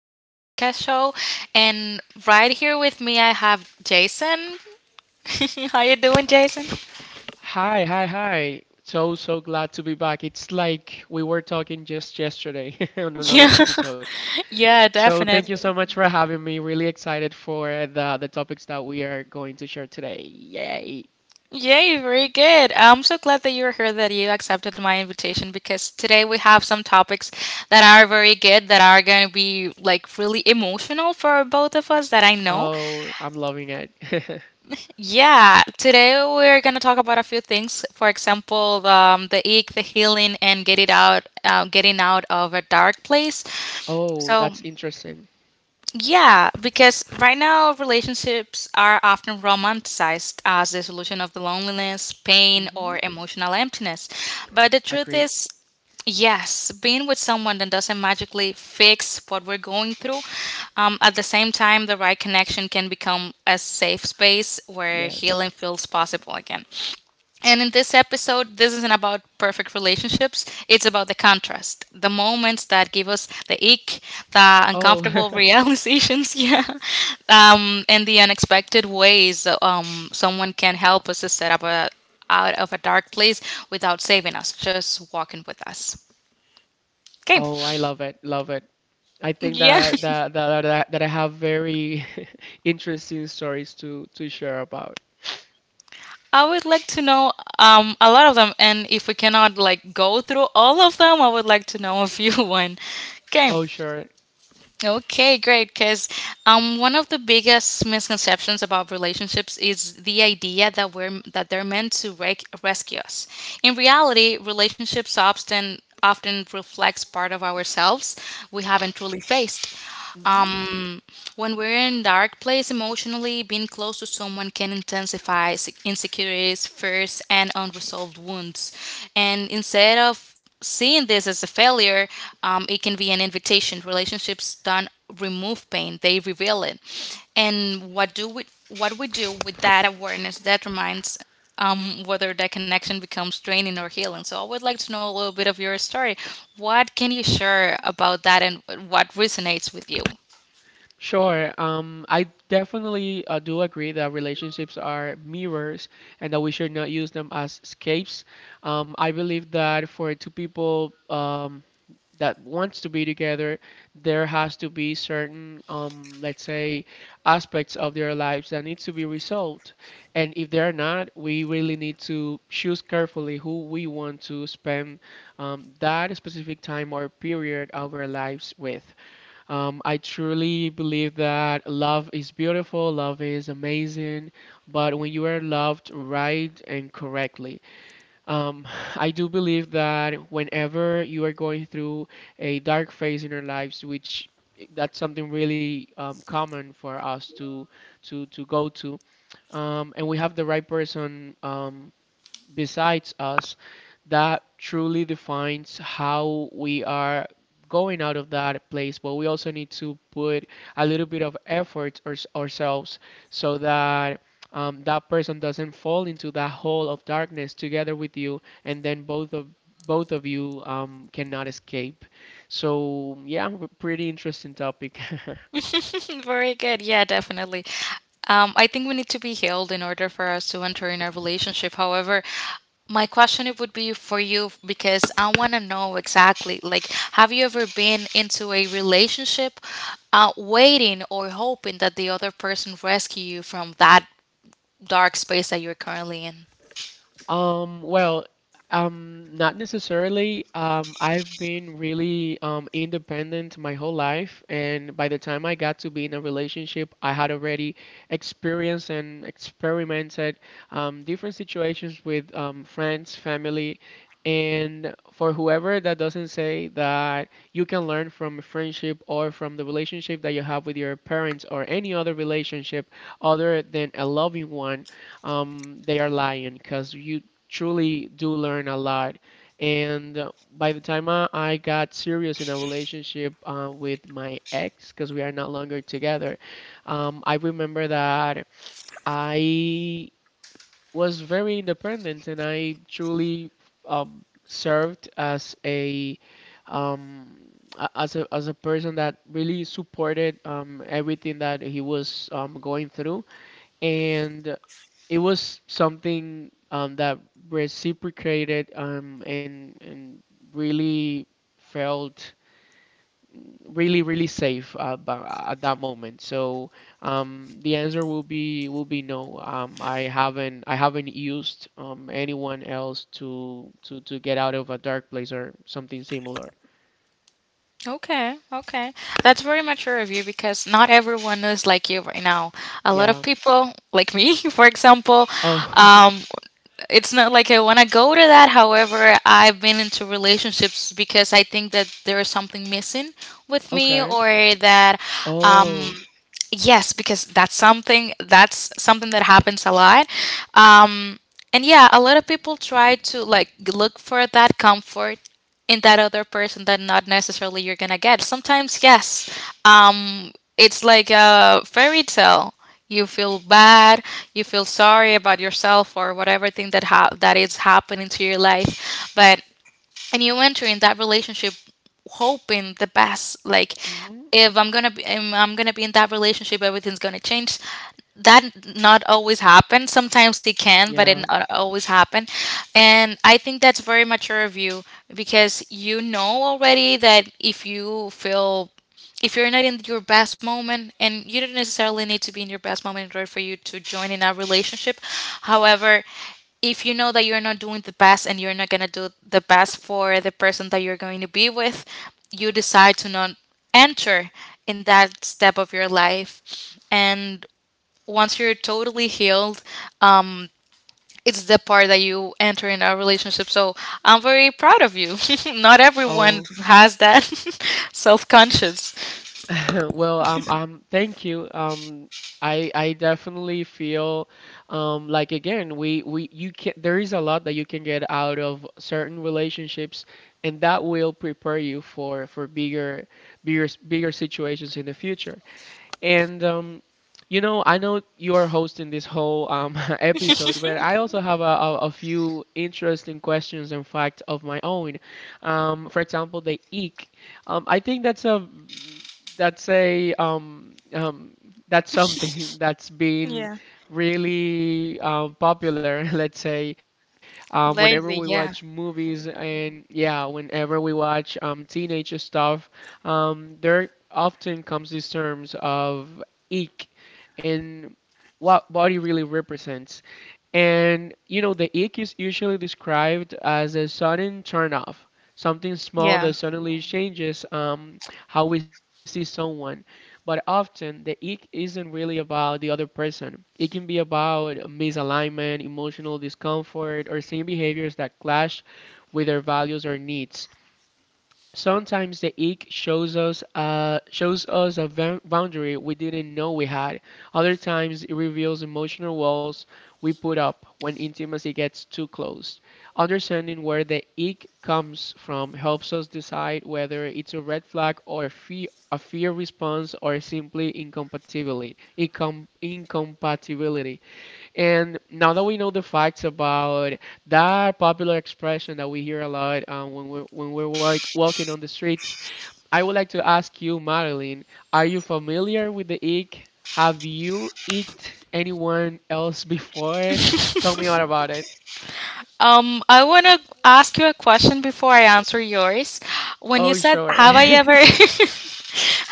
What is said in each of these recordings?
of the podcast show. And right here with me, I have Jason. How you doing, Jason? Hi, hi, hi. So glad to be back. It's like we were talking just yesterday on another Yeah, episode. yeah, So, thank you definitely. so much for having me. Really excited for the topics that we are going to share today. Yay. Yay, very good. I'm so glad that you're here, that you accepted my invitation because today we have some topics that are very good, that are going to be like really emotional for both of us, that I know. Oh, I'm loving it. Yeah, today we're going to talk about a few things. For example, the ache, the healing, and getting out of a dark place. Oh, So, that's interesting. yeah, because right now relationships are often romanticized as the solution of the loneliness, pain, Hmm. or emotional emptiness. But the truth Agree. is, yes, being with someone that doesn't magically fix what we're going through. At the same time, the right connection can become a safe space where Yes. healing feels possible again. And in this episode, this isn't about perfect relationships, it's about the contrast, the moments that give us the ick, the Oh, uncomfortable realizations, yeah, and the unexpected ways someone can help us to set up a out of a dark place without saving us, just walking with us. Okay. oh, I love it. Love it. I think Yeah. that that that that, that I have very interesting stories to share about. I would like to know a lot of them, and if we cannot like go through all of them, I would like to know a few one. Okay. Oh, sure. Okay, great. Because one of the biggest misconceptions about relationships is the idea that we're that they're meant to rescue us. In reality, relationships often reflects part of ourselves we haven't truly faced. Hmm. Um, When we're in a dark place emotionally, being close to someone can intensify insecurities, fears, and unresolved wounds. And instead of seeing this as a failure, it can be an invitation. Relationships don't remove pain; they reveal it. And what we do with that awareness determines whether that connection becomes draining or healing. So I would like to know a little bit of your story. What can you share about that, and what resonates with you? Sure. I definitely do agree that relationships are mirrors and that we should not use them as escapes. I believe that for two people that wants to be together, there has to be certain, let's say, aspects of their lives that needs to be resolved. And if they're not, we really need to choose carefully who we want to spend that specific time or period of our lives with. I truly believe that love is beautiful, love is amazing, but when you are loved right and correctly, um, I do believe that whenever you are going through a dark phase in your lives, which that's something really common for us to go to, and we have the right person. Besides us that truly defines how we are going out of that place, but we also need to put a little bit of effort ourselves so that that person doesn't fall into that hole of darkness together with you, and then both of you cannot escape. So yeah, pretty interesting topic. Very good. Yeah, definitely. I think we need to be healed in order for us to enter in a relationship. However, my question it would be for you because I want to know exactly like have you ever been into a relationship waiting or hoping that the other person rescue you from that dark space that you're currently in? Well, not necessarily. I've been really independent my whole life, and by the time I got to be in a relationship, I had already experienced and experimented different situations with friends, family, and for whoever that doesn't say that you can learn from a friendship or from the relationship that you have with your parents or any other relationship other than a loving one, they are lying because you truly do learn a lot. And by the time I got serious in a relationship with my ex, because we are no longer together, I remember that I was very independent, and I truly served as a um, as a person that really supported everything that he was going through. And it was something that reciprocated, and really felt really really safe at that moment. So the answer will be no. I haven't used anyone else to get out of a dark place or something similar. Okay, okay. That's very mature of you because not everyone is like you right now. A lot of Yeah. people, like me, for example, Oh. um, it's not like I want to go to that. However, I've been into relationships because I think that there is something missing with me, Okay. or that um, Oh. yes, because that's something that happens a lot. Um, and yeah, a lot of people try to like look for that comfort in that other person that not necessarily you're gonna get. Sometimes, yes, it's like a fairy tale. You feel bad, you feel sorry about yourself or whatever thing that that is happening to your life, but and you enter in that relationship hoping the best like Hmm. If I'm gonna be in that relationship, everything's gonna change. That not always happens, sometimes it can, but it Yeah. not always happen, and I think that's very mature of you because you know already that if you feel, if you're not in your best moment, and you don't necessarily need to be in your best moment in order for you to join in a relationship. However, if you know that you're not doing the best, and you're not going to do the best for the person that you're going to be with, you decide to not enter in that step of your life, and once you're totally healed, um it's the part that you enter in a relationship. So I'm very proud of you. Not everyone Oh. has that self conscious. Well, thank you. I definitely feel like, again, we you can, there is a lot that you can get out of certain relationships, and that will prepare you for bigger situations in the future. And you know, I know you are hosting this whole episode, but I also have a few interesting questions and facts of my own. For example, the eek. I think that's a that's a um, um, that's something that's been really popular. Let's say whenever we Lately, watch yeah, movies, and yeah, whenever we watch teenage stuff, there often comes these terms of ick and what body really represents. And you know, the ick is usually described as a sudden turn off, something small yeah. that suddenly changes how we see someone. But often the ick isn't really about the other person. It can be about misalignment, emotional discomfort, or seeing behaviors that clash with their values or needs. Sometimes the ick shows us shows us a boundary we didn't know we had. Other times it reveals emotional walls we put up when intimacy gets too close. Understanding where the ick comes from helps us decide whether it's a red flag or a fear response, or simply incompatibility. Incompatibility. And now that we know the facts about that popular expression that we hear a lot when when walking on the streets, I would like to ask you, Madeline, are you familiar with the ick? Have you icked anyone else before? Tell me all about it. I want to ask you a question before I answer yours. When you Oh, said, sure. "Have I ever,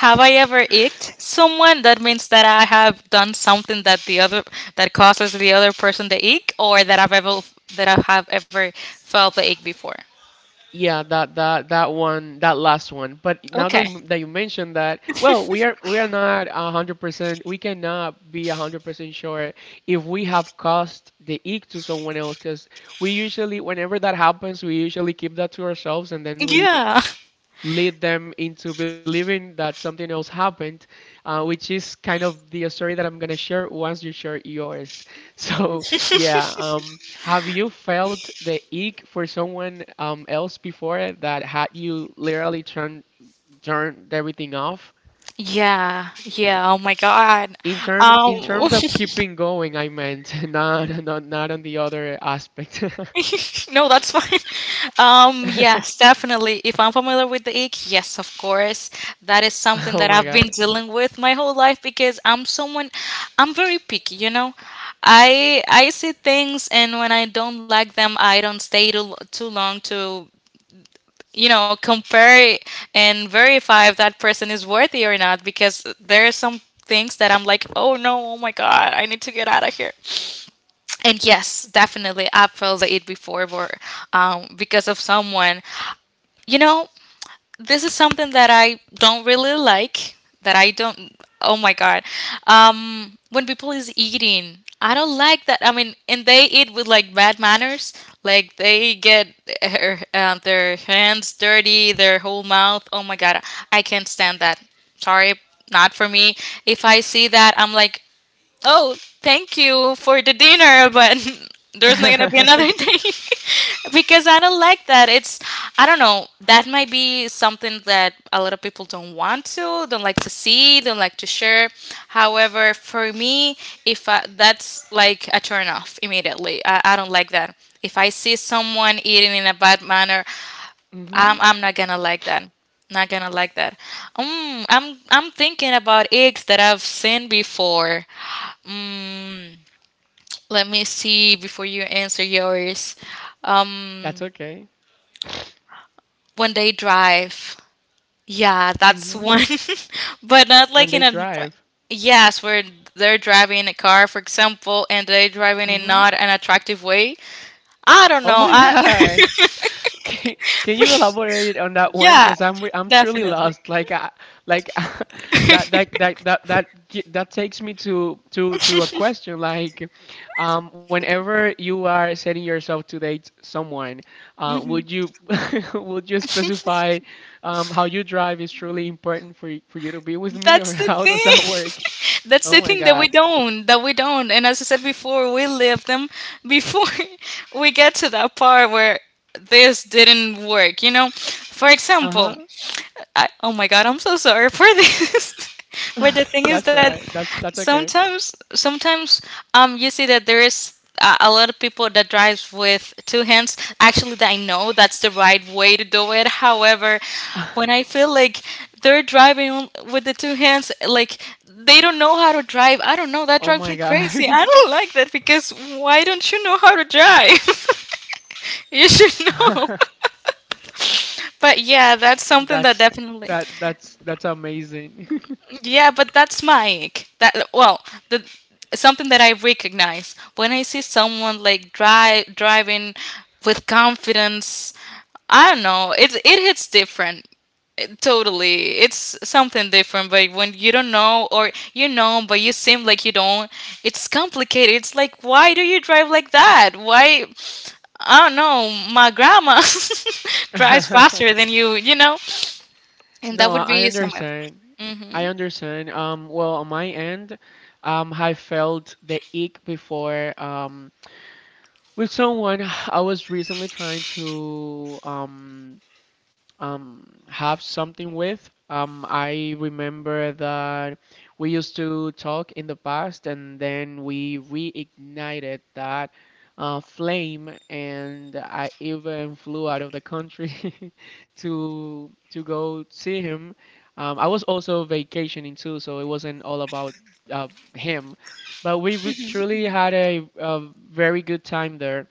have I ever icked someone?" That means that I have done something that the other, that causes the other person to ick, or that I have ever felt the ick before. Yeah, that one, that last one. But now Okay. that you mentioned that, well, we are not 100%. We cannot be 100% sure if we have caused the ick to someone else, because we usually, whenever that happens, we usually keep that to ourselves, and then we Yeah. lead them into believing that something else happened, which is kind of the story that I'm gonna share once you share yours. So yeah, have you felt the ick for someone else before that had you literally turned everything off? Yeah. Yeah. Oh my God. In terms Um. Of keeping going, I meant not on the other aspect. No, that's fine. Yes, definitely. If I'm familiar with the ick, yes, of course. That is something Oh that my I've been God. dealing with my whole life because I'm very picky, you know. I see things, and when I don't like them, I don't stay too long to, you know, compare and verify if that person is worthy or not, because there are some things that I'm like, "Oh no, oh my god, I need to get out of here." And yes, definitely, I have felt it before were, because of someone. You know, this is something that I don't really like. That I don't. Oh my god, when people is eating, I don't like that. I mean, and they eat with like bad manners. Like they get their hands dirty, their whole mouth. Oh my god, I can't stand that. Sorry, not for me. If I see that, I'm like, oh, thank you for the dinner, but there's not gonna be another day because I don't like that. It's, I don't know. That might be something that a lot of people don't want to, don't like to see, don't like to share. However, for me, if I, that's like a turn off immediately. I don't like that. If I see someone eating in a bad manner, I'm Hmm. I'm not gonna like that, not gonna like that. I'm thinking about eggs that I've seen before. Let me see before you answer yours. Um, That's okay. one day drive. Yeah, that's one, Hmm. but not like When in they a. Drive. Yes, where they're driving a car, for example, and they're driving in Hmm. not an attractive way. I don't Oh know. my I God. Can, can you elaborate on that one? yeah, Because I'm truly definitely. lost. Like that takes me to a question. Like, whenever you are setting yourself to date someone, would you would you specify how you drive is truly important for for you to be with me, That's or the how does that work? thing. Oh my God. That we don't. And as I said before, we live them before we get to that part where this didn't work, you know? For example, Uh-huh. I, oh my god, I'm so sorry for this. But the thing is That's that right. That's okay. sometimes, you see that there is a lot of people that drives with two hands. Actually, I know that's the right way to do it. However, when I feel like they're driving with the two hands, like they don't know how to drive. I don't know. That Oh drives my me crazy. God. I don't like that, because why don't you know how to drive? You should know. But yeah, that's something that That's definitely. That's amazing. Yeah, but that's Mike. That well, the something that I recognize when I see someone like drive driving with confidence. I don't know. It hits different. Totally, it's something different. But when you don't know, or you know, but you seem like you don't, it's complicated. It's like, why do you drive like that? Why? I don't know. My grandma drives faster than you. You know, and that No, would I be someone. understand. I Some. understand. Well, on my end, I felt the ick before. With someone I was recently trying to have something with. I remember that we used to talk in the past, and then we reignited that flame, and I even flew out of the country to go see him. I was also vacationing too, so it wasn't all about uh, him, but we truly had a very good time there.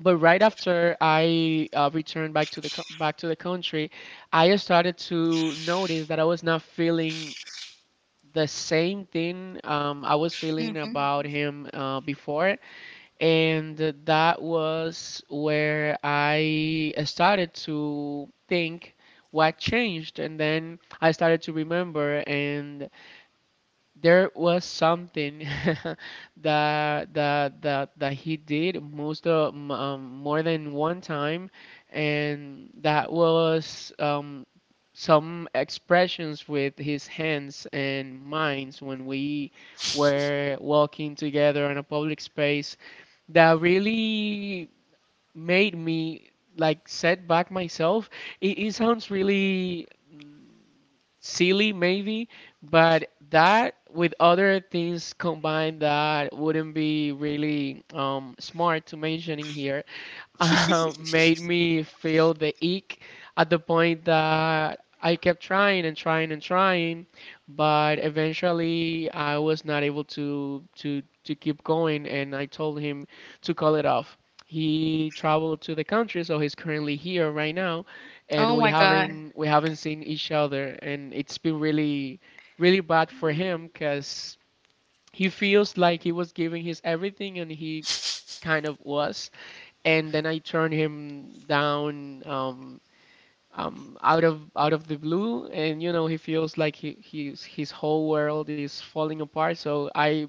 But right after I returned back to the back to the country, I started to notice that I was not feeling the same thing I was Hmm. feeling Hmm. about him before, and that was where I started to think what changed, and then I started to remember, and there was something that he did most of, more than one time, and that was some expressions with his hands and minds when we were walking together in a public space that really made me like set back myself. It sounds really silly maybe, but that with other things combined that wouldn't be really smart to mention in here made me feel the ick at the point that I kept trying, but eventually I was not able to keep going, and I told him to call it off. He traveled to the country, so he's currently here right now, and Oh we my god. haven't seen each other, and it's been really really bad for him because he feels like he was giving his everything, and kind of was, and then I turned him down, out of the blue, and you know he feels like his whole world is falling apart. So I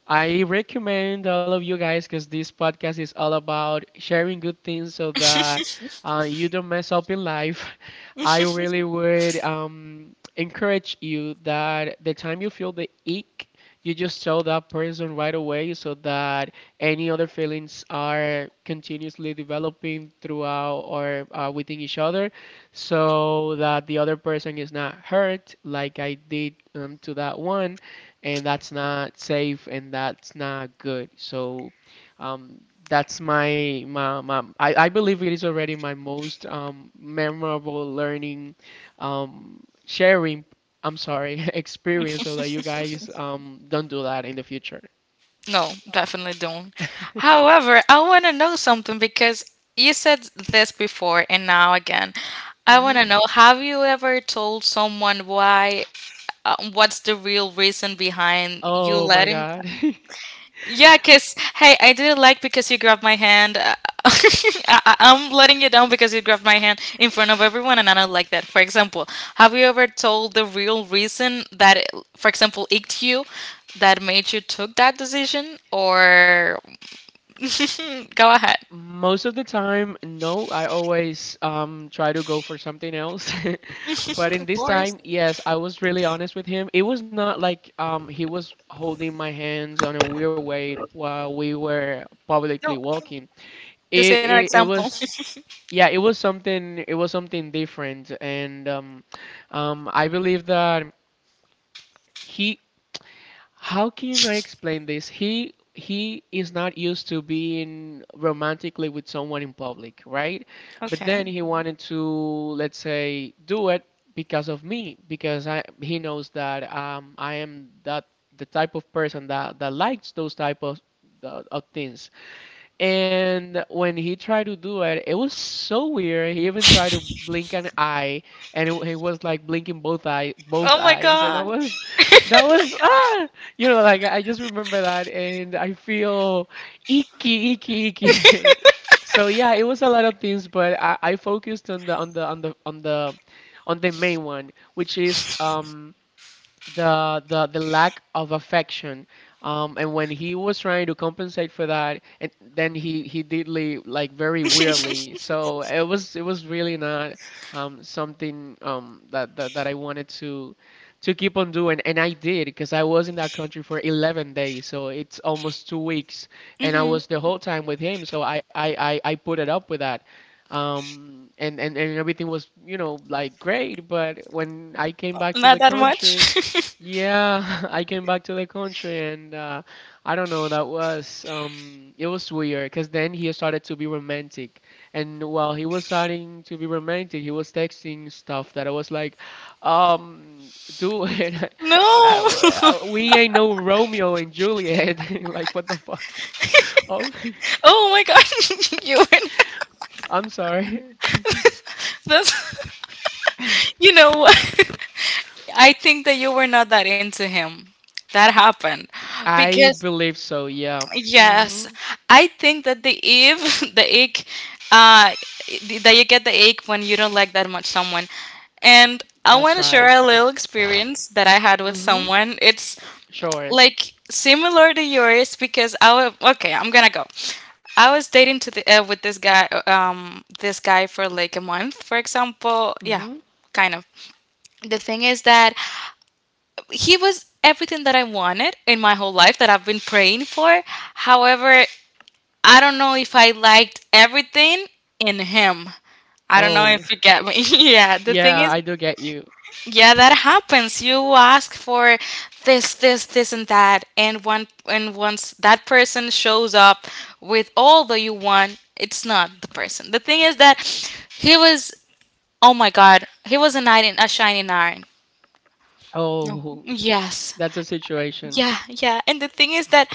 I recommend all of you guys, because this podcast is all about sharing good things, so that you don't mess up in life. I really would encourage you that the time you feel the ick, you just tell that person right away so that any other feelings are continuously developing throughout or within each other, so that the other person is not hurt like I did to that one, and that's not safe and that's not good. So um, that's I believe it is already my most memorable learning, um, sharing, I'm sorry, experience, so that you guys don't do that in the future. No, definitely don't. However, I want to know something because you said this before and now again. I want Hmm. to know, have you ever told someone why, what's the real reason behind you Oh my letting? God. Yeah, cuz hey, I didn't like because you grabbed my hand. I'm letting you down because you grabbed my hand in front of everyone, and I don't like that. For example, have you ever told the real reason that for example, icked you, that made you took that decision, or go ahead. Most of the time, no. I always try to go for something else. But in Of this course. time, yes, I was really honest with him. It was not like he was holding my hands on a weird way while we were No, publicly walking. this ain't an It example. was, yeah, it was something, it was something different, and I believe that he, how can I explain this? He is not used to being romantically with someone in public, right? But Okay. then he wanted to, let's say, do it because of me, because I he knows that I am that the type of person that likes those type of of things. And when he tried to do it, it was so weird. He even tried to blink an eye, and he was like blinking both Oh my eyes. And I god. was, that was like I just remember that, and I feel icky, icky, icky. So yeah, it was a lot of things, but I focused on the on the on the on the on the main one, which is the lack of affection. And when he was trying to compensate for that, and then he did leave like very weirdly, so it was really not something that I wanted to keep on doing. And I did, because I was in that country for 11 days, so it's almost 2 weeks, and I was Hmm. the whole time with him. So I put it up with that, and everything was, you know, like great. But when I came back to the Not that country, much. yeah, I came back to the country and I don't know, that was it was weird because then he started to be romantic. And while he was starting to be romantic, he was texting stuff that I was like, do it. No. We ain't no Romeo and Juliet. Like what the fuck? Oh, Oh my god. You were. Not, I'm sorry. that's. You know what? I think that you were not that into him. That happened I because, believe so, yeah. yes, Mm-hmm. I think that the ache, that you get the ache when you don't like that much someone. And I want That's to share right. a little experience that I had with Mm-hmm. someone. It's Sure. like similar to yours because I was okay. I'm gonna go. I was dating to the with this guy for like a month, for example. Yeah, Mm-hmm. kind of. The thing is that he was everything that I wanted in my whole life that I've been praying for. However, I don't know if I liked everything in him. I don't know Oh, if you get me. Yeah, the thing yeah, is, I do get you. yeah, that happens. You ask for this, this, this, and that, and one, and once that person shows up with all that you want, it's not the person. The thing is that he was, oh my God, he was a knight in a shining iron. No. Oh, Yes. that's a situation. Yeah, yeah. And the thing is that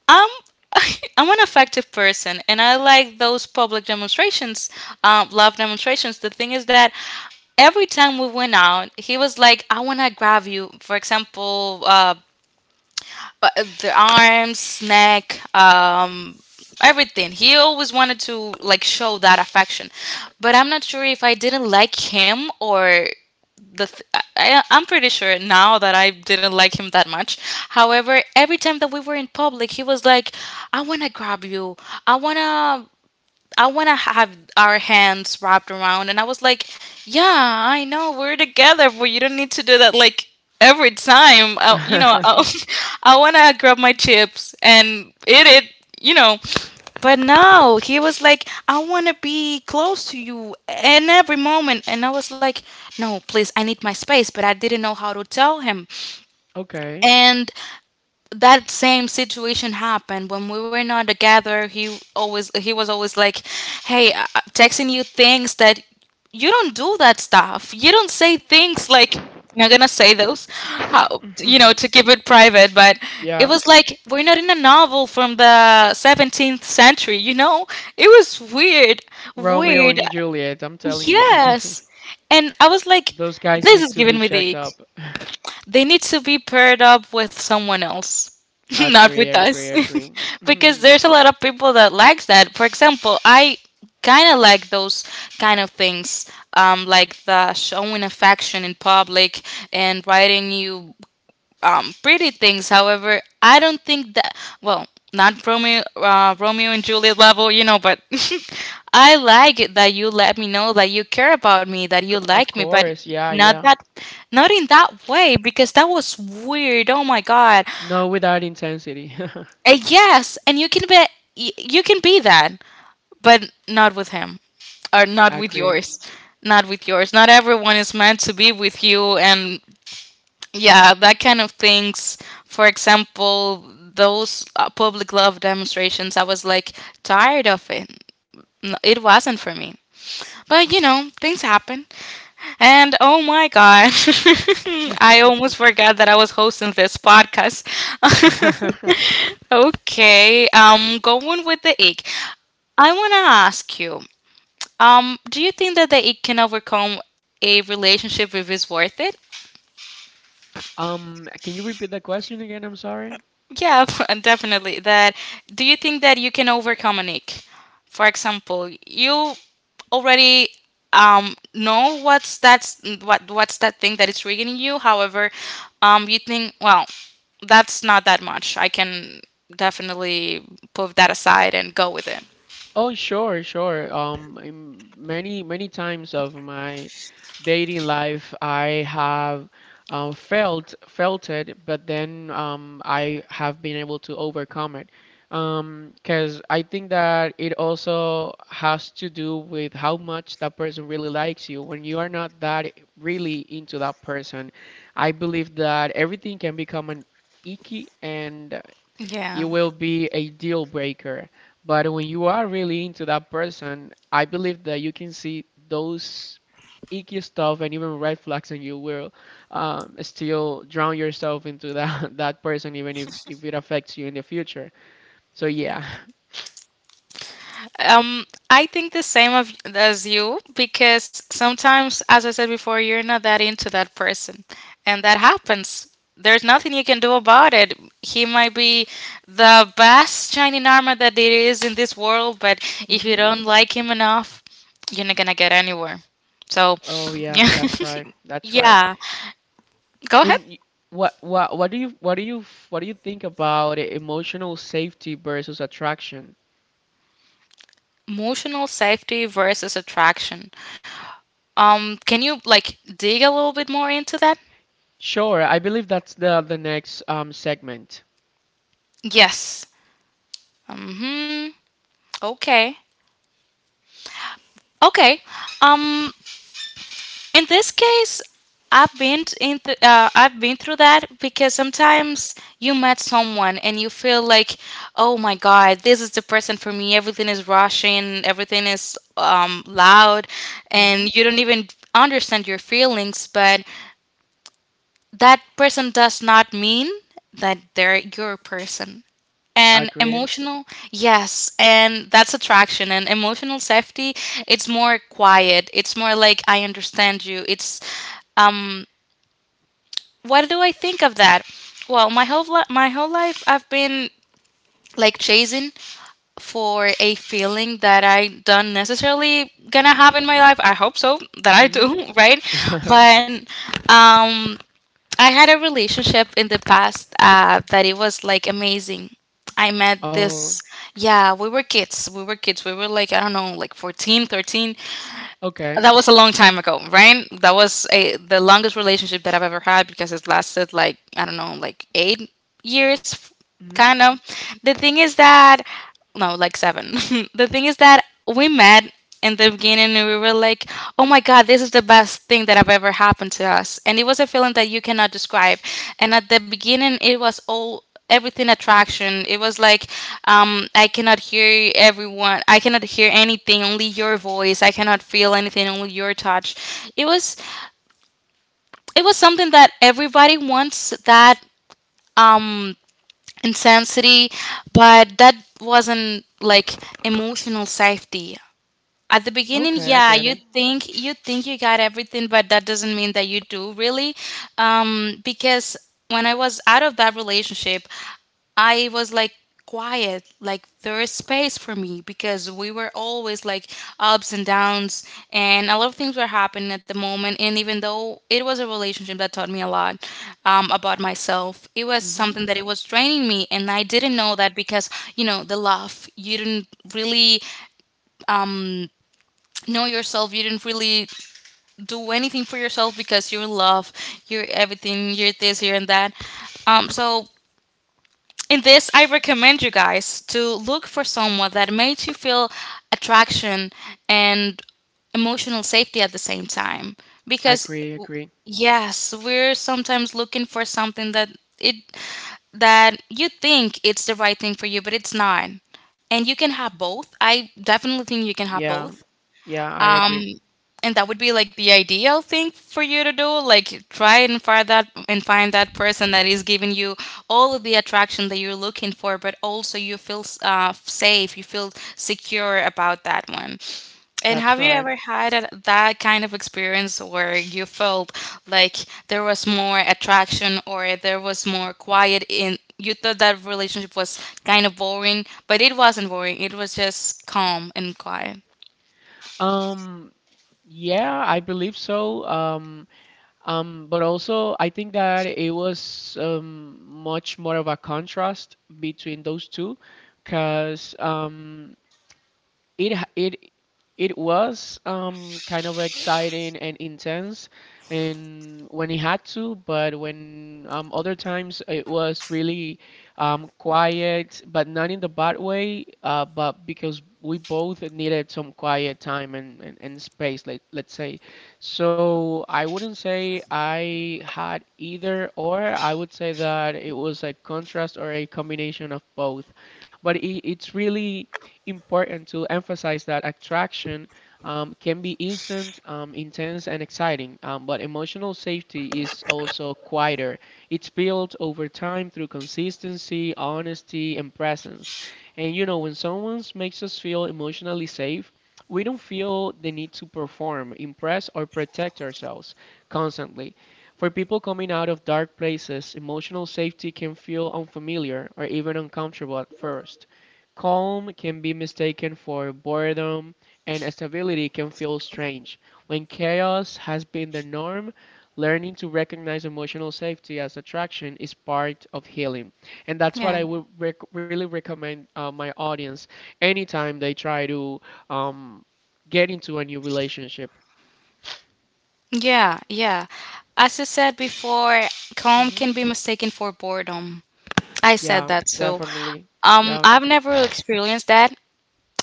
I'm I'm an effective person, and I like those public demonstrations, love demonstrations. The thing is that every time we went out, he was like, "I want to grab you." For example, uh, the arms, neck, everything. He always wanted to like show that affection, but I'm not sure if I didn't like him or the th- I'm pretty sure now that I didn't like him that much. However, every time that we were in public, he was like, "I wanna grab you. I wanna I want to have our hands wrapped around." And I was like, yeah, I know, we're together, but you don't need to do that like every time. I, you know, I, I want to grab my chips and eat it, you know. But no, he was like, I want to be close to you in every moment. And I was like, no, please, I need my space. But I didn't know how to tell him. Okay. And that same situation happened when we were not together. He was always like, hey, I texting you things that you don't do that stuff, you don't say things like, I'm not gonna say those, how to keep it private. But it Yeah, was like, we're not in a novel from the 17th century, you know. It was weird. Romeo Weird. and Juliet, I'm telling you. Yes. and i was like Those guys this need is to be giving me the checked ick. up. They need to be paired up with someone else, not with Agree, us. agree, agree. Because Mhm. there's a lot of people that likes that. For example, I kind of like those kind of things, like the showing affection in public and writing you pretty things. However, I don't think that, well, not Romeo Romeo and Juliet level, you know. But I like it that you let me know that you care about me, that C- you Of like me, but course, yeah, not yeah. that, not in that way because that was weird. Oh my god. No, without intensity. Yes, and you can be you can be that, but not with him or not with Agree. yours. Not with yours. Not everyone is meant to be with you. And yeah, that kind of things. For example, those public love demonstrations, I was like tired of it. It wasn't for me. But you know, things happen. And oh my God, I almost forgot that I was hosting this podcast. Okay, going with the ache. I want to ask you, do you think that the ache can overcome a relationship if it's worth it? Can you repeat the question again? I'm sorry. Yeah, and definitely. That Do you think that you can overcome an ick? For example, you already know what's that's what's that thing that is triggering you. However, you think, well, that's not that much. I can definitely put that aside and go with it. Oh, sure, sure. In many, many times of my dating life, I have felt it, but then I have been able to overcome it. 'Cause I think that it also has to do with how much that person really likes you. When you are not that really into that person, I believe that everything can become an icky, and it Yeah. will be a deal breaker. But when you are really into that person, I believe that you can see those icky stuff and even red flags, and you will still drown yourself into that that person, even if it affects you in the future. So yeah. I think the same as you because sometimes, as I said before, you're not that into that person, and that happens. There's nothing you can do about it. He might be the best shining armor that there is in this world, but if you Hmm. don't like him enough, you're not gonna get anywhere. So, Oh yeah, yeah, that's right. That's right. yeah. Go ahead. And y- what do you what do you think about emotional safety versus attraction? Emotional safety versus attraction. Can you like dig a little bit more into that? Sure, I believe that's the next segment. Yes. Mm-hmm. Okay. Okay. Um, in this case, I've been t- in th- I've been through that because sometimes you met someone and you feel like, oh my God, this is the person for me. Everything is rushing, everything is loud, and you don't even understand your feelings. But that person does not mean that they're your person I and agree. emotional. Yes, and that's attraction. And emotional safety, it's more quiet, it's more like I understand you. It's um what do i think of that Well, my whole life I've been like chasing for a feeling that I don't necessarily gonna have in my life. I hope so that I Mhm. do. Right? But um I had a relationship in the past that it was like amazing. I met Oh, this, yeah, we were kids. We were like, I don't know, like 14, 13. okay. That was a long time ago, right? The longest relationship that I've ever had because it lasted like, I don't know, like 8 years, Mhm. kind of. The thing is that, no, like seven. The thing is that we met in the beginning and we were like, "Oh my God, this is the best thing that have ever happened to us," and it was a feeling that you cannot describe. And at the beginning, it was all everything attraction. It was like, I cannot hear everyone, I cannot hear anything only your voice, I cannot feel anything only your touch. It was, it was something that everybody wants. That um, insanity, but that wasn't like emotional safety. At the beginning, Okay, I yeah, get it. You think you got everything, but that doesn't mean that you do really. Because when I was out of that relationship, I was like quiet, like there is space for me because we were always like ups and downs, and a lot of things were happening at the moment. And even though it was a relationship that taught me a lot about myself, it was Mhm. something that it was draining me, and I didn't know that because, you know, the love, you didn't really know yourself, you didn't really do anything for yourself because you're love, you're everything, you're this, you're and that. So in this, I recommend you guys to look for someone that makes you feel attraction and emotional safety at the same time. I Because agree, w- agree. yes, we're sometimes looking for something that it that you think it's the right thing for you, but it's not. And you can have both. I definitely think you can have Yeah. both, Yeah, I agree. and that would be like the ideal thing for you to do, like try and find that person that is giving you all of the attraction that you're looking for, but also you feel safe, you feel secure about that one. And That's have you right. ever had that kind of experience where you felt like there was more attraction or there was more quiet, in you thought that relationship was kind of boring, but it wasn't boring, it was just calm and quiet. Um, yeah, I believe so. But also I think that it was much more of a contrast between those two, because it h- it was kind of exciting and intense and when it had to but when other times it was really quiet, but not in the bad way, but because we both needed some quiet time and space, let's say. So I wouldn't say I had either or. I would say that it was a contrast or a combination of both. But it's really important to emphasize that attraction can be instant, intense, and exciting, but emotional safety is also quieter. It's built over time through consistency, honesty, and presence. And you know, when someone makes us feel emotionally safe, we don't feel the need to perform, impress, or protect ourselves constantly. For people coming out of dark places, emotional safety can feel unfamiliar or even uncomfortable at first. Calm can be mistaken for boredom, and stability can feel strange. When chaos has been the norm, learning to recognize emotional safety as attraction is part of healing. And that's what I would really recommend my audience anytime they try to um, get into a new relationship. Yeah, yeah. As I said before, calm Hmm. can be mistaken for boredom. I said Yeah, that too. definitely. Yeah. I've never experienced that.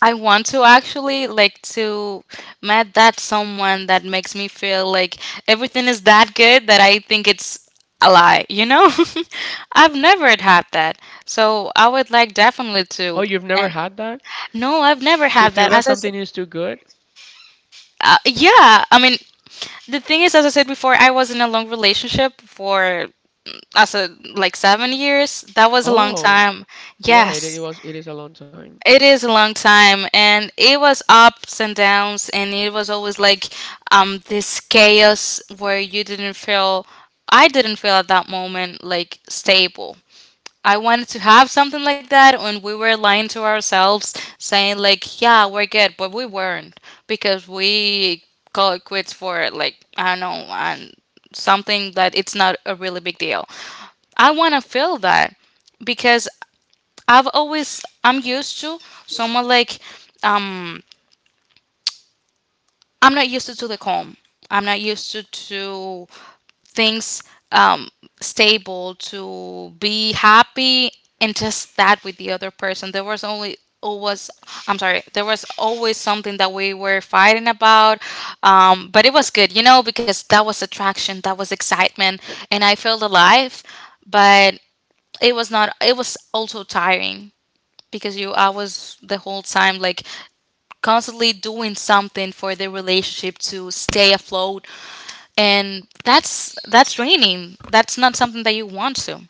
I want to actually like to met that someone that makes me feel like everything is that good that I think it's a lie, you know? I've never had that. So I would like definitely Oh, to, you've never and had that? no, I've never To had feel that. that As I said, something is too good? Yeah, I mean, the thing is, as I said before, I was in a long relationship for as a like 7 years. That was a long Oh, time. Yes, it was, it is a long time. it is a long time. And it was ups and downs, and it was always like this chaos where you didn't feel I didn't feel at that moment like stable. I wanted to have something like that, and we were lying to ourselves saying like, yeah, we're good, but we weren't because we call it quits for like, I don't know, and something that it's not a really big deal. I want to feel that because I'm used to someone like um I'm not used to the calm. I'm not used to things, um stable, to be happy, and just that with the other person. There was only always I'm sorry, there was always something that we were fighting about. But it was good, you know, because that was attraction, that was excitement, and I felt alive. But it was not it was also tiring because you I was the whole time like constantly doing something for the relationship to stay afloat, and that's draining, that's not something that you want to.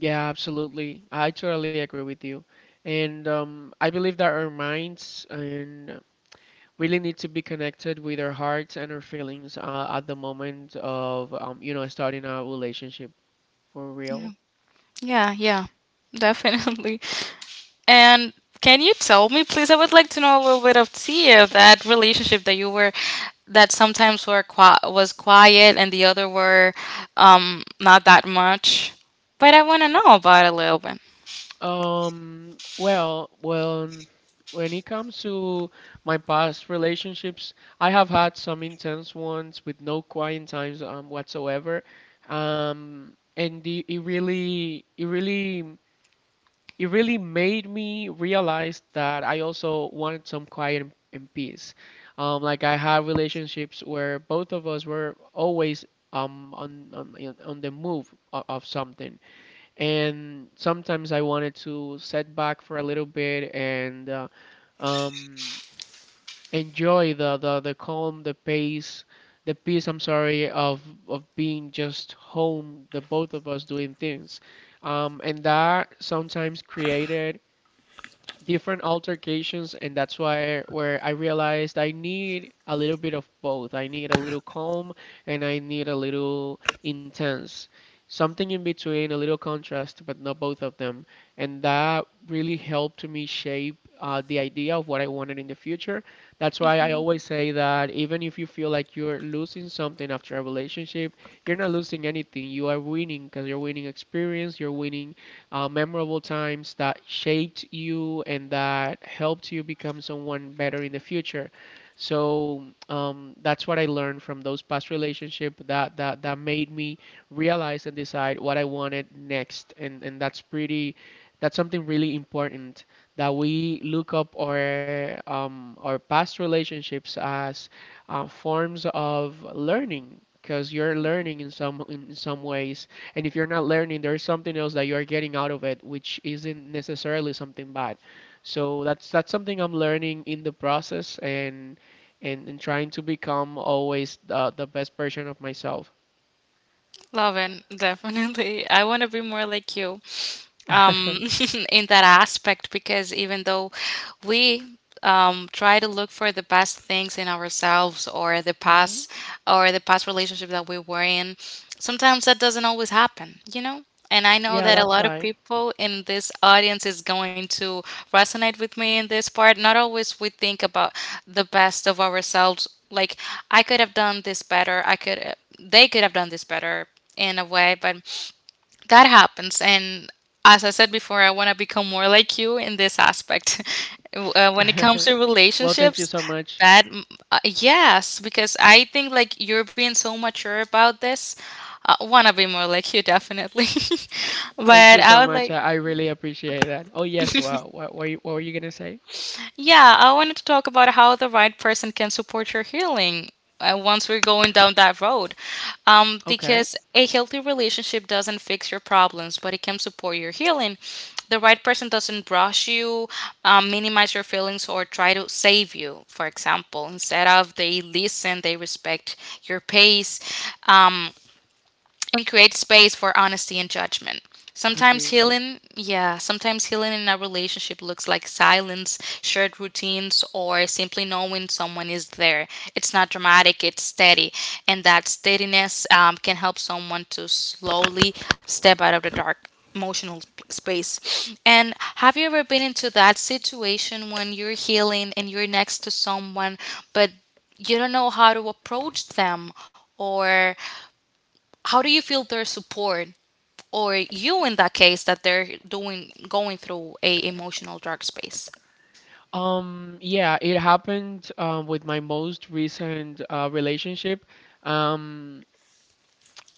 Yeah, absolutely. I totally agree with you. And I believe that our minds and really need to be connected with our hearts and our feelings at the moment of, you know, starting our relationship for real. Yeah, yeah. Definitely. And can you tell me please, I would like to know a little bit of tia that relationship that you were, that sometimes was quiet and the other were not that much, but I want to know about it a little Well, when it comes to my past relationships, I have had some intense ones with no quiet times, whatsoever. It really, it really made me realize that I also wanted some quiet, and peace. Like I had relationships where both of us were always on the move of something, and sometimes I wanted to set back for a little bit and um, enjoy the calm, the pace. The peace, I'm sorry, of being just home, the both of us doing things, and that sometimes created different altercations, and that's why where I realized I need a little bit of both. I need a little calm and I need a little intense. Something in between, a little contrast, but not both of them. And that really helped me shape the idea of what I wanted in the future. That's why I bit. always say that even if you feel like you're losing something after a relationship, you're not losing anything. You are winning, because you're winning experience, you're winning memorable times that shaped you and that helped you become someone better in the future. So that's what I learned from those past relationships, that made me realize and decide what I wanted next. And, that's pretty, that's something really important, that we look up our past relationships as forms of learning, because you're learning in some ways, and if you're not learning, there's something else that you are getting out of it, which isn't necessarily something bad. So that's something I'm learning in the process and and trying to become always the best version of myself. Loving, definitely. I want to be more like you um, in that aspect because even though we try to look for the best things in ourselves Hmm. Or the past relationship that we were in sometimes that doesn't always happen. And I know Yeah, that a that's lot of right. people in this audience is going to resonate with me in this part. Not always we think about the best of ourselves, like I could have done this better, I could they could have done this better, in a way, but that happens. And as I said before, I want to become more like you in this aspect. When it comes to Well, thank you relationships, so much. that mm, yes, because I think like you're being so mature about this. I want to be more like you, definitely. Thank But you I so would much. Like. I really appreciate that. Oh yes, well, you- what were you gonna say? Yeah, I wanted to talk about how the right person can support your healing once we're going down that road. Okay, Because a healthy relationship doesn't fix your problems, but it can support your healing. The right person doesn't brush you, minimize your feelings, or try to save you, for example. Instead of they listen, they respect your pace. Um, we create space for honesty and judgment. Sometimes agree. healing, yeah, sometimes healing in a relationship looks like silence, shared routines, or simply knowing someone is there. It's not dramatic, it's steady. And that steadiness can help someone to slowly step out of the dark emotional space. And have you ever been into that situation when you're healing and you're next to someone, but you don't know how to approach them? Or how do you feel their support, or you in that case that they're doing going through a emotional dark space? Yeah, it happened with my most recent relationship. Um,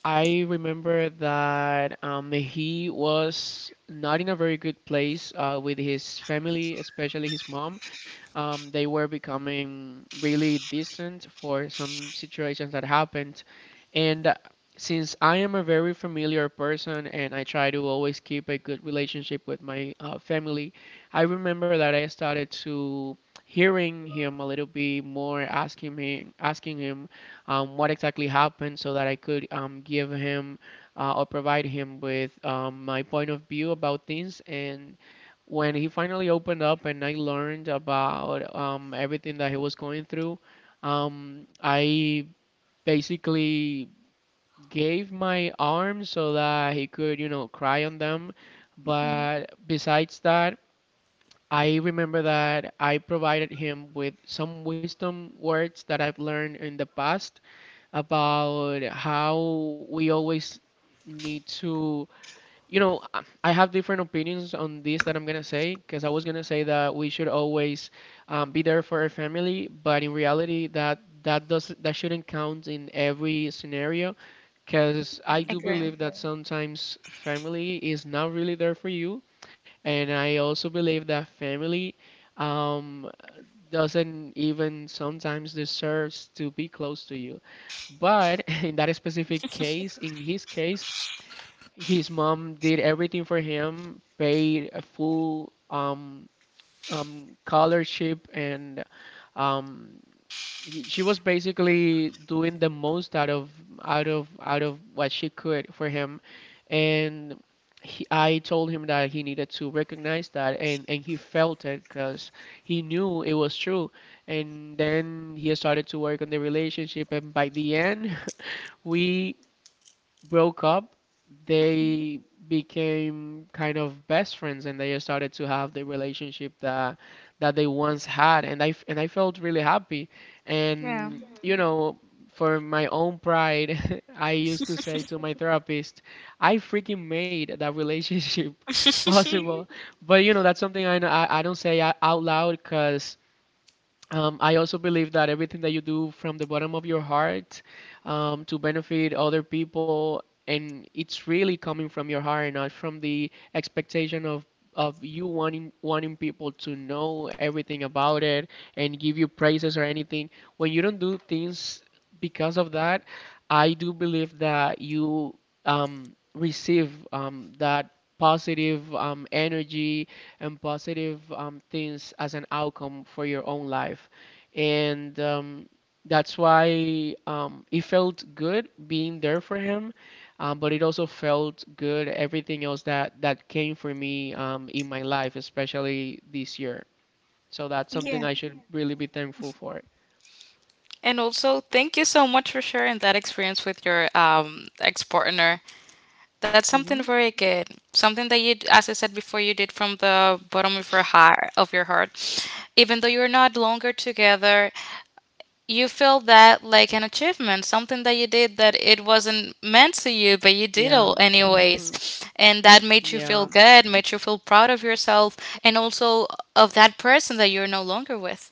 I remember that he was not in a very good place with his family, especially his mom. They were becoming really distant for some situations that happened. And since I am a very familiar person and I try to always keep a good relationship with my family, I remember that I started to hearing him a little bit more, asking me, asking him what exactly happened so that I could give him or provide him with my point of view about things. And when he finally opened up and I learned about everything that he was going through, I basically gave my arms so that he could, you know, cry on them. Mm-hmm. But besides that, I remember that I provided him with some wisdom words that I've learned in the past about how we always need to, you know, I have different opinions on this that I'm gonna say, because I was gonna say that we should always be there for our family, but in reality, that shouldn't count in every scenario, because I do Agree. believe that sometimes family is not really there for you, and I also believe that family. Um, doesn't even sometimes deserves to be close to you. But in that specific case, in his case, his mom did everything for him, paid a full scholarship, and um she was basically doing the most out of out of what she could for him. And I told him that he needed to recognize that, and he felt it, because he knew it was true. And then he started to work on the relationship, and by the end we broke up, Mhm. they became kind of best friends, and they started to have the relationship that that they once had, and and I felt really happy. Yeah. And you know, for my own pride, I used to say to my therapist, I freaking made that relationship possible. But you know, that's something I don't say out loud 'cause I also believe that everything that you do from the bottom of your heart to benefit other people, and it's really coming from your heart, not from the expectation of you wanting people to know everything about it and give you praises or anything. When you don't do things because of that, I do believe that you receive that positive energy and positive things as an outcome for your own life. And That's why it felt good being there for him, but it also felt good everything else that came for me in my life, especially this year. So that's something Yeah. I should really be thankful for. And also, thank you so much for sharing that experience with your ex partner. That's something hmm very good. Something that you, as I said before, you did from the bottom of your heart. Of your heart, even though you're not longer together, you feel that like an achievement, something that you did that it wasn't meant to you, but you did Yeah. it anyways. And that made you feel Yeah. good, made you feel proud of yourself, and also of that person that you're no longer with.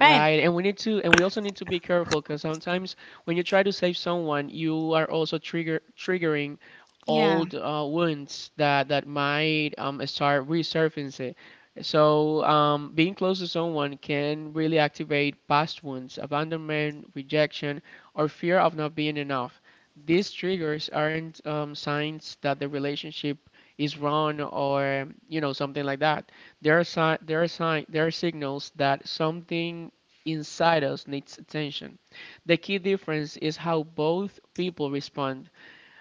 Right. and we also need to be careful because sometimes when you try to save someone, you are also triggering Yeah. old wounds that might start resurfacing. So being close to someone can really activate past wounds, abandonment, rejection, or fear of not being enough. These triggers aren't signs that the relationship is wrong or you know something like that. There are sign, there are sign, there are signals that something inside us needs attention. The key difference is how both people respond.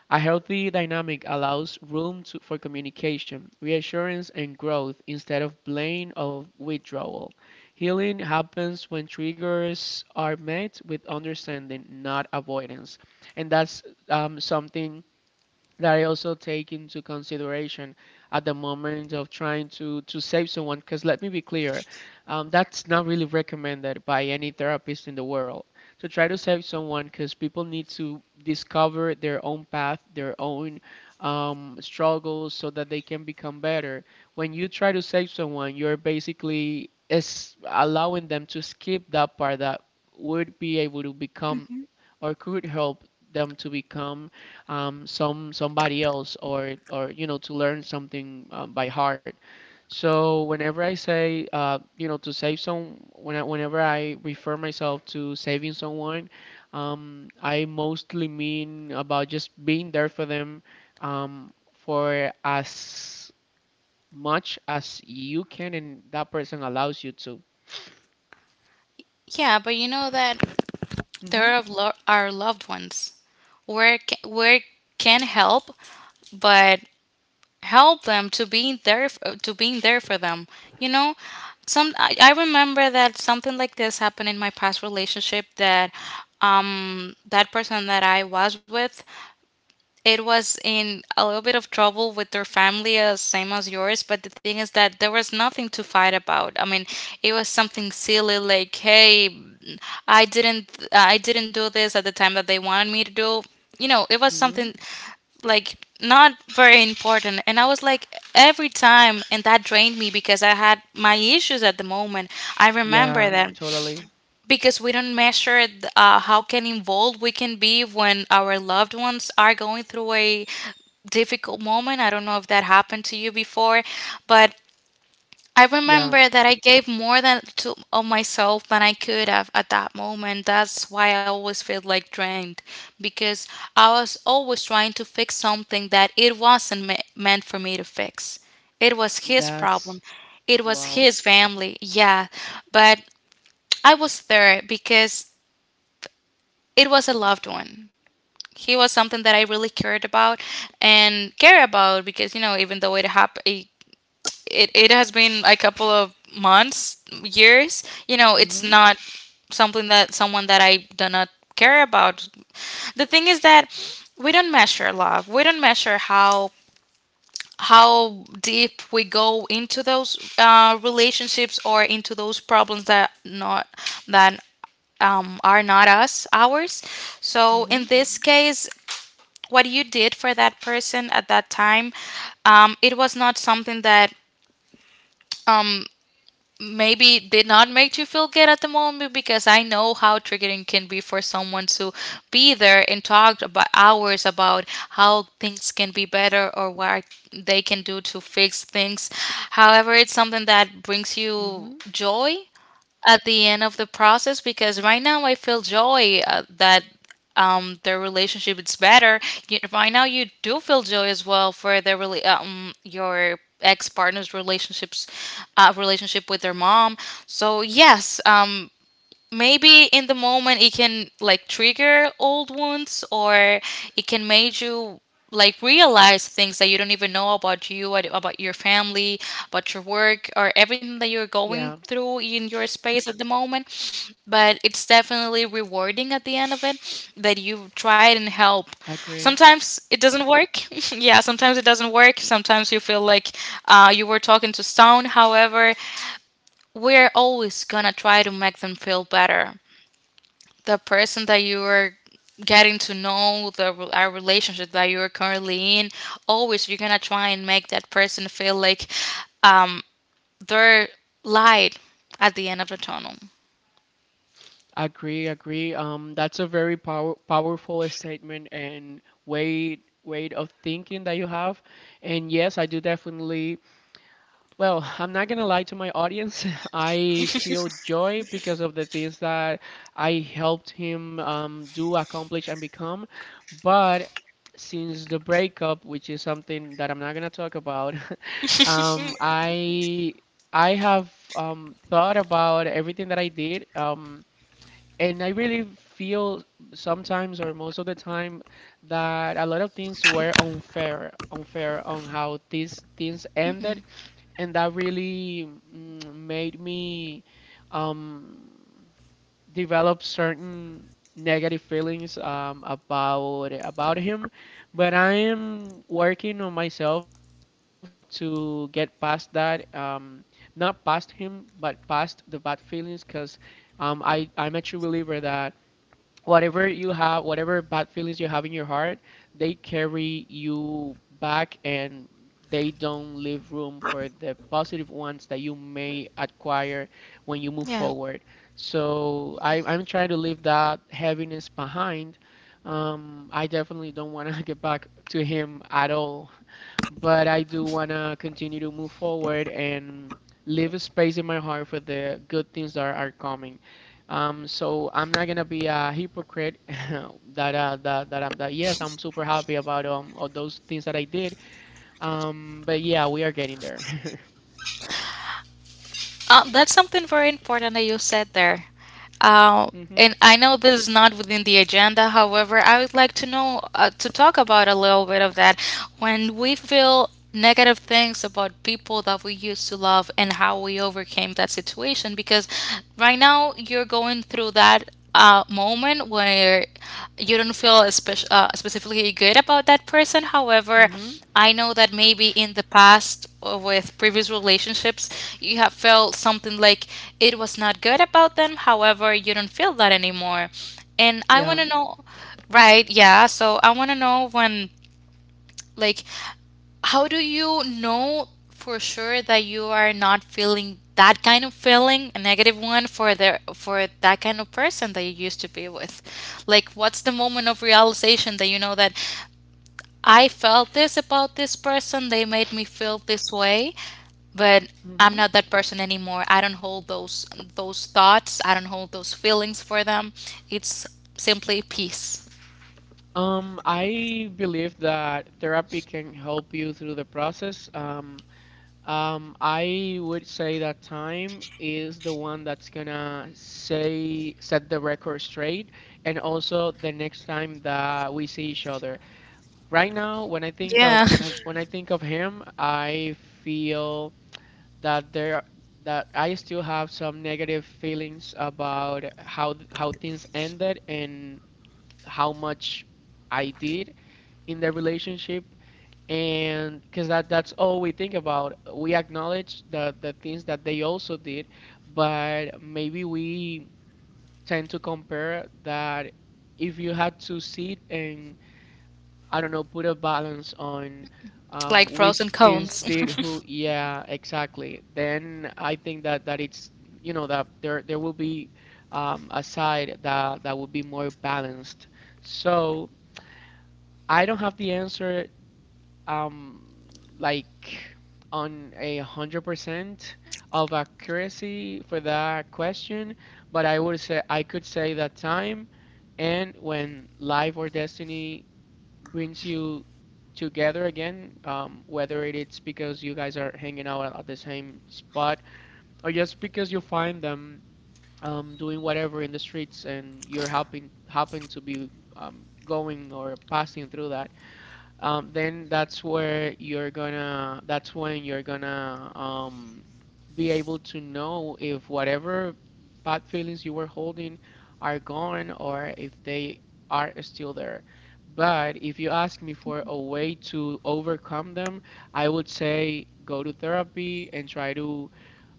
A healthy dynamic allows room for communication, reassurance, and growth instead of blame or withdrawal. Healing happens when triggers are met with understanding, not avoidance, and that's something that I also take into consideration at the moment of trying to save someone. Because let me be clear, that's not really recommended by any therapist in the world to try to save someone. Because people need to discover their own path, their own struggles, so that they can become better. When you try to save someone, you're basically is allowing them to skip that part that would be able to become Mhm. or could help them to become somebody else or you know to learn something by heart. So whenever I say you know to save some when I, whenever I refer myself to saving someone, I mostly mean about just being there for them for as much as you can and that person allows you to. Yeah, but you know that Mm-hmm. there are our loved ones. Work can help, but help them to be there to being there for them. You know, I remember that something like this happened in my past relationship, that that person that I was with, it was in a little bit of trouble with their family, same as yours, but the thing is that there was nothing to fight about. I mean, it was something silly, like, hey, I didn't do this at the time that they wanted me to do. You know, it was Mm-hmm. something like, not very important, and I was like, every time, and that drained me because I had my issues at the moment. I remember Yeah, that, totally. because we don't measure how can involved we can be when our loved ones are going through a difficult moment. I don't know if that happened to you before, but I Yeah, remember that I gave more than to of myself than I could have at that moment. That's why I always feel like drained, because I was always trying to fix something that it wasn't meant for me to fix. It was his that's problem. It was wow. his family. Yeah, but I was there because it was a loved one. He was something that I really cared about and care about, because, you know, even though it happened, it has been a couple of months, years, you know. It's Mhm, not something that someone that I do not care about. The thing is that we don't measure love, we don't measure how deep we go into those relationships or into those problems that are not us ours. So mhm, in this case, what you did for that person at that time, it was not something that maybe did not make you feel good at the moment, because I know how triggering can be for someone to be there and talk about hours about how things can be better or what they can do to fix things. However, it's something that brings you mhm. joy at the end of the process, because right now I feel joy that their relationship is better. You, right now you do feel joy as well for their really your ex partner's relationships relationship with their mom. So yes, maybe in the moment it can like trigger old wounds, or it can make you like realize things that you don't even know about you about your family, about your work, or everything that you're going Yeah, through in your space at the moment. But it's definitely rewarding at the end of it, that you tried and help. I agree. Sometimes it doesn't work. Yeah, sometimes it doesn't work. Sometimes you feel like you were talking to stone. However, we're always gonna try to make them feel better. The person that you are getting to know, the our relationship that you are currently in, always you're gonna try and make that person feel like um they're light at the end of the tunnel. I agree, I agree. That's a very powerful statement and way of thinking that you have. And yes, I do definitely. Well, I'm not gonna lie to my audience. I feel joy because of the things that I helped him do, accomplish, and become. But since the breakup, which is something that I'm not gonna talk about, um, I I have thought about everything that I did, and I really feel sometimes or most of the time that a lot of things were unfair, unfair on how these things Hmm. ended and that really made me um, develop certain negative feelings about him. But I am working on myself to get past that, not past him, but past the bad feelings, because I'm a true believer that whatever you have, whatever bad feelings you have in your heart, they carry you back and they don't leave room for the positive ones that you may acquire when you move Yeah. forward. So I'm trying to leave that heaviness behind. I definitely don't want to get back to him at all, but I do want to continue to move forward and leave a space in my heart for the good things that are coming. So I'm not gonna be a hypocrite that yes, I'm super happy about all those things that I did. But yeah, we are getting there. That's something very important that you said there. Uh, Mm-hmm. and I know this is not within the agenda. However, I would like to know to talk about a little bit of that, when we feel negative things about people that we used to love and how we overcame that situation. Because right now you're going through that moment where you don't feel specifically good about that person. However, Mm-hmm. I know that maybe in the past or with previous relationships, you have felt something like it was not good about them. However, you don't feel that anymore. And I want Yeah. to know, right? Yeah. So I want to know when, like, how do you know for sure that you are not feeling that kind of feeling, a negative one, for the for that kind of person that you used to be with? Like, what's the moment of realization that you know that I felt this about this person. They made me feel this way, but I'm Mm-hmm. not that person anymore. I don't hold those thoughts. I don't hold those feelings for them. It's simply peace. I believe that therapy can help you through the process. I would say that time is the one that's gonna say set the record straight, and also the next time that we see each other. Right now, Yeah, when I think of him, I feel that there that I still have some negative feelings about how things ended and how much I did in the relationship and because that's all we think about. We acknowledge the things that they also did, but maybe we tend to compare that. If you had to sit and, I don't know, put a balance on like pros which and things cons. did who, yeah, exactly, then I think that it's, you know, that there will be a side that will be more balanced. So I don't have the answer, um like, on 100% of accuracy for that question, but I could say that time and when life or destiny brings you together again, whether it's because you guys are hanging out at the same spot or just because you find them doing whatever in the streets and you're happen to be going or passing through that, then that's where you're gonna, that's when you're gonna be able to know if whatever bad feelings you were holding are gone or if they are still there. But if you ask me for a way to overcome them, I would say go to therapy and try to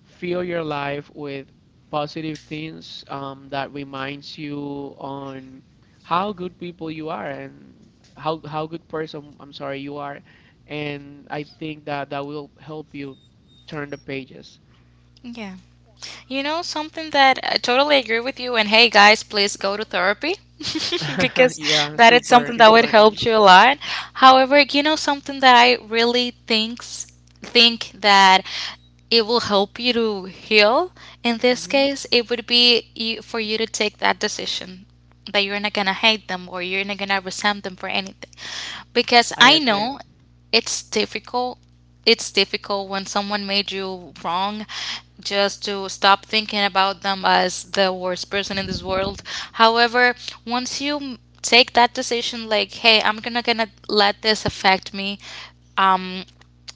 fill your life with positive things that reminds you on how good people you are and how good person, I'm sorry, you are, and I think that that will help you turn the pages. Yeah. You know, something that I totally agree with you. And hey, guys, please go to therapy because Yeah, that is super something that would important. help you a lot. However, you know, something that I really think that it will help you to heal. In this hmm case, it would be you, for you to take that decision that you're not gonna hate them or you're not gonna resent them for anything, because I I agree. know it's difficult, it's difficult when someone made you wrong, just to stop thinking about them as the worst person in this world. However, once you take that decision like, hey, I'm gonna gonna let this affect me, um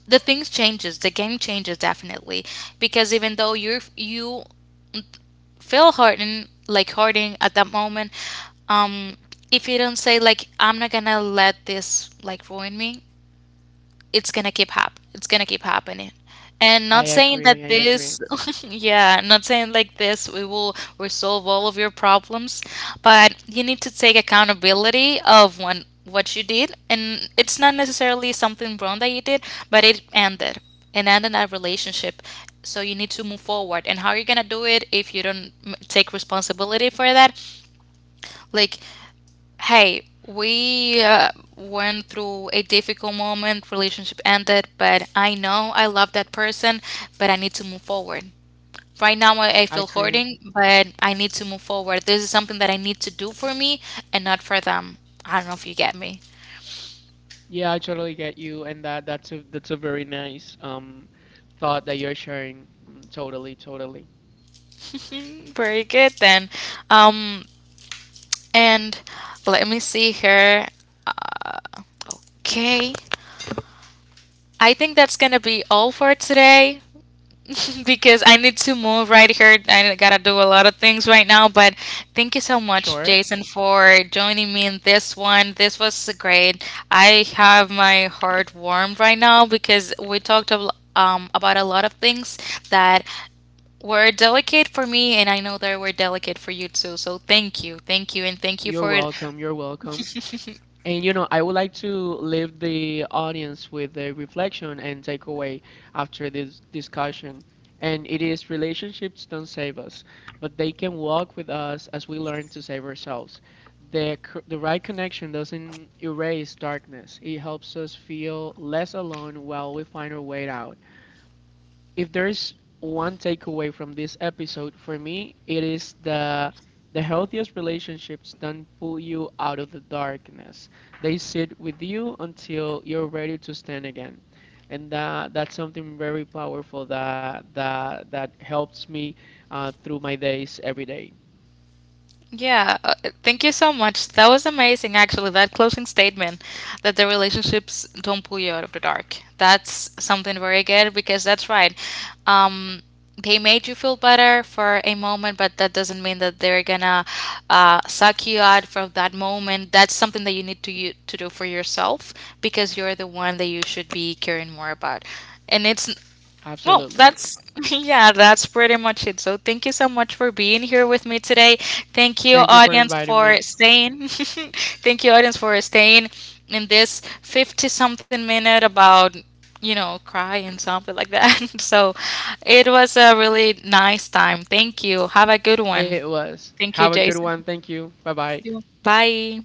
the things changes, the game changes, definitely, because even though you feel hurting, like hurting at that moment, um if you don't say like, I'm not gonna let this like ruin me, it's gonna keep hap it's gonna keep happening. And I not saying that agree. I agree. this yeah, not saying like this we will resolve all of your problems, but you need to take accountability of when what you did, and it's not necessarily something wrong that you did, but it ended and ended that relationship. So you need to move forward, and how you're gonna do it if you don't take responsibility for that? Like, hey, we went through a difficult moment, relationship ended, but I know I love that person, but I need to move forward. Right now, I I feel agree. hurting, but I need to move forward. This is something that I need to do for me and not for them. I don't know if you get me. Yeah, I totally get you, and that's a very nice thought that you're sharing. Mm, totally, totally. Very good then. Um, and let me see here. Okay, I think that's gonna be all for today, because I need to move right here. I gotta do a lot of things right now, but thank you so much, Sure. Jason, for joining me in this one. This was great. I have my heart warmed right now because we talked a, about a lot of things that were delicate for me, and I know they were delicate for you too. So thank you, and thank you You're for. welcome. You're welcome. And you know, I would like to leave the audience with a reflection and takeaway after this discussion. And it is, relationships don't save us, but they can walk with us as we learn to save ourselves. The right connection doesn't erase darkness, it helps us feel less alone while we find our way out. If there's one takeaway from this episode, for me, it is the healthiest relationships don't pull you out of the darkness. They sit with you until you're ready to stand again. And that's something very powerful that helps me through my days every day. Yeah, thank you so much. That was amazing, actually. That closing statement that the relationships don't pull you out of the dark. That's something very good because that's right. Um, they made you feel better for a moment, but that doesn't mean that they're gonna suck you out from that moment. That's something that you need to to do for yourself, because you're the one that you should be caring more about. And it's well, Absolutely. that's yeah, that's pretty much it. So thank you so much for being here with me today. Thank you, Thank you for audience, inviting for me. staying. Thank you, audience, for staying in this 50 something minute about, you know, cry and something like that. So it was a really nice time. Thank you. Have a good one. It was. Thank you, Have a good Jason. one. Thank you. Bye bye. Bye.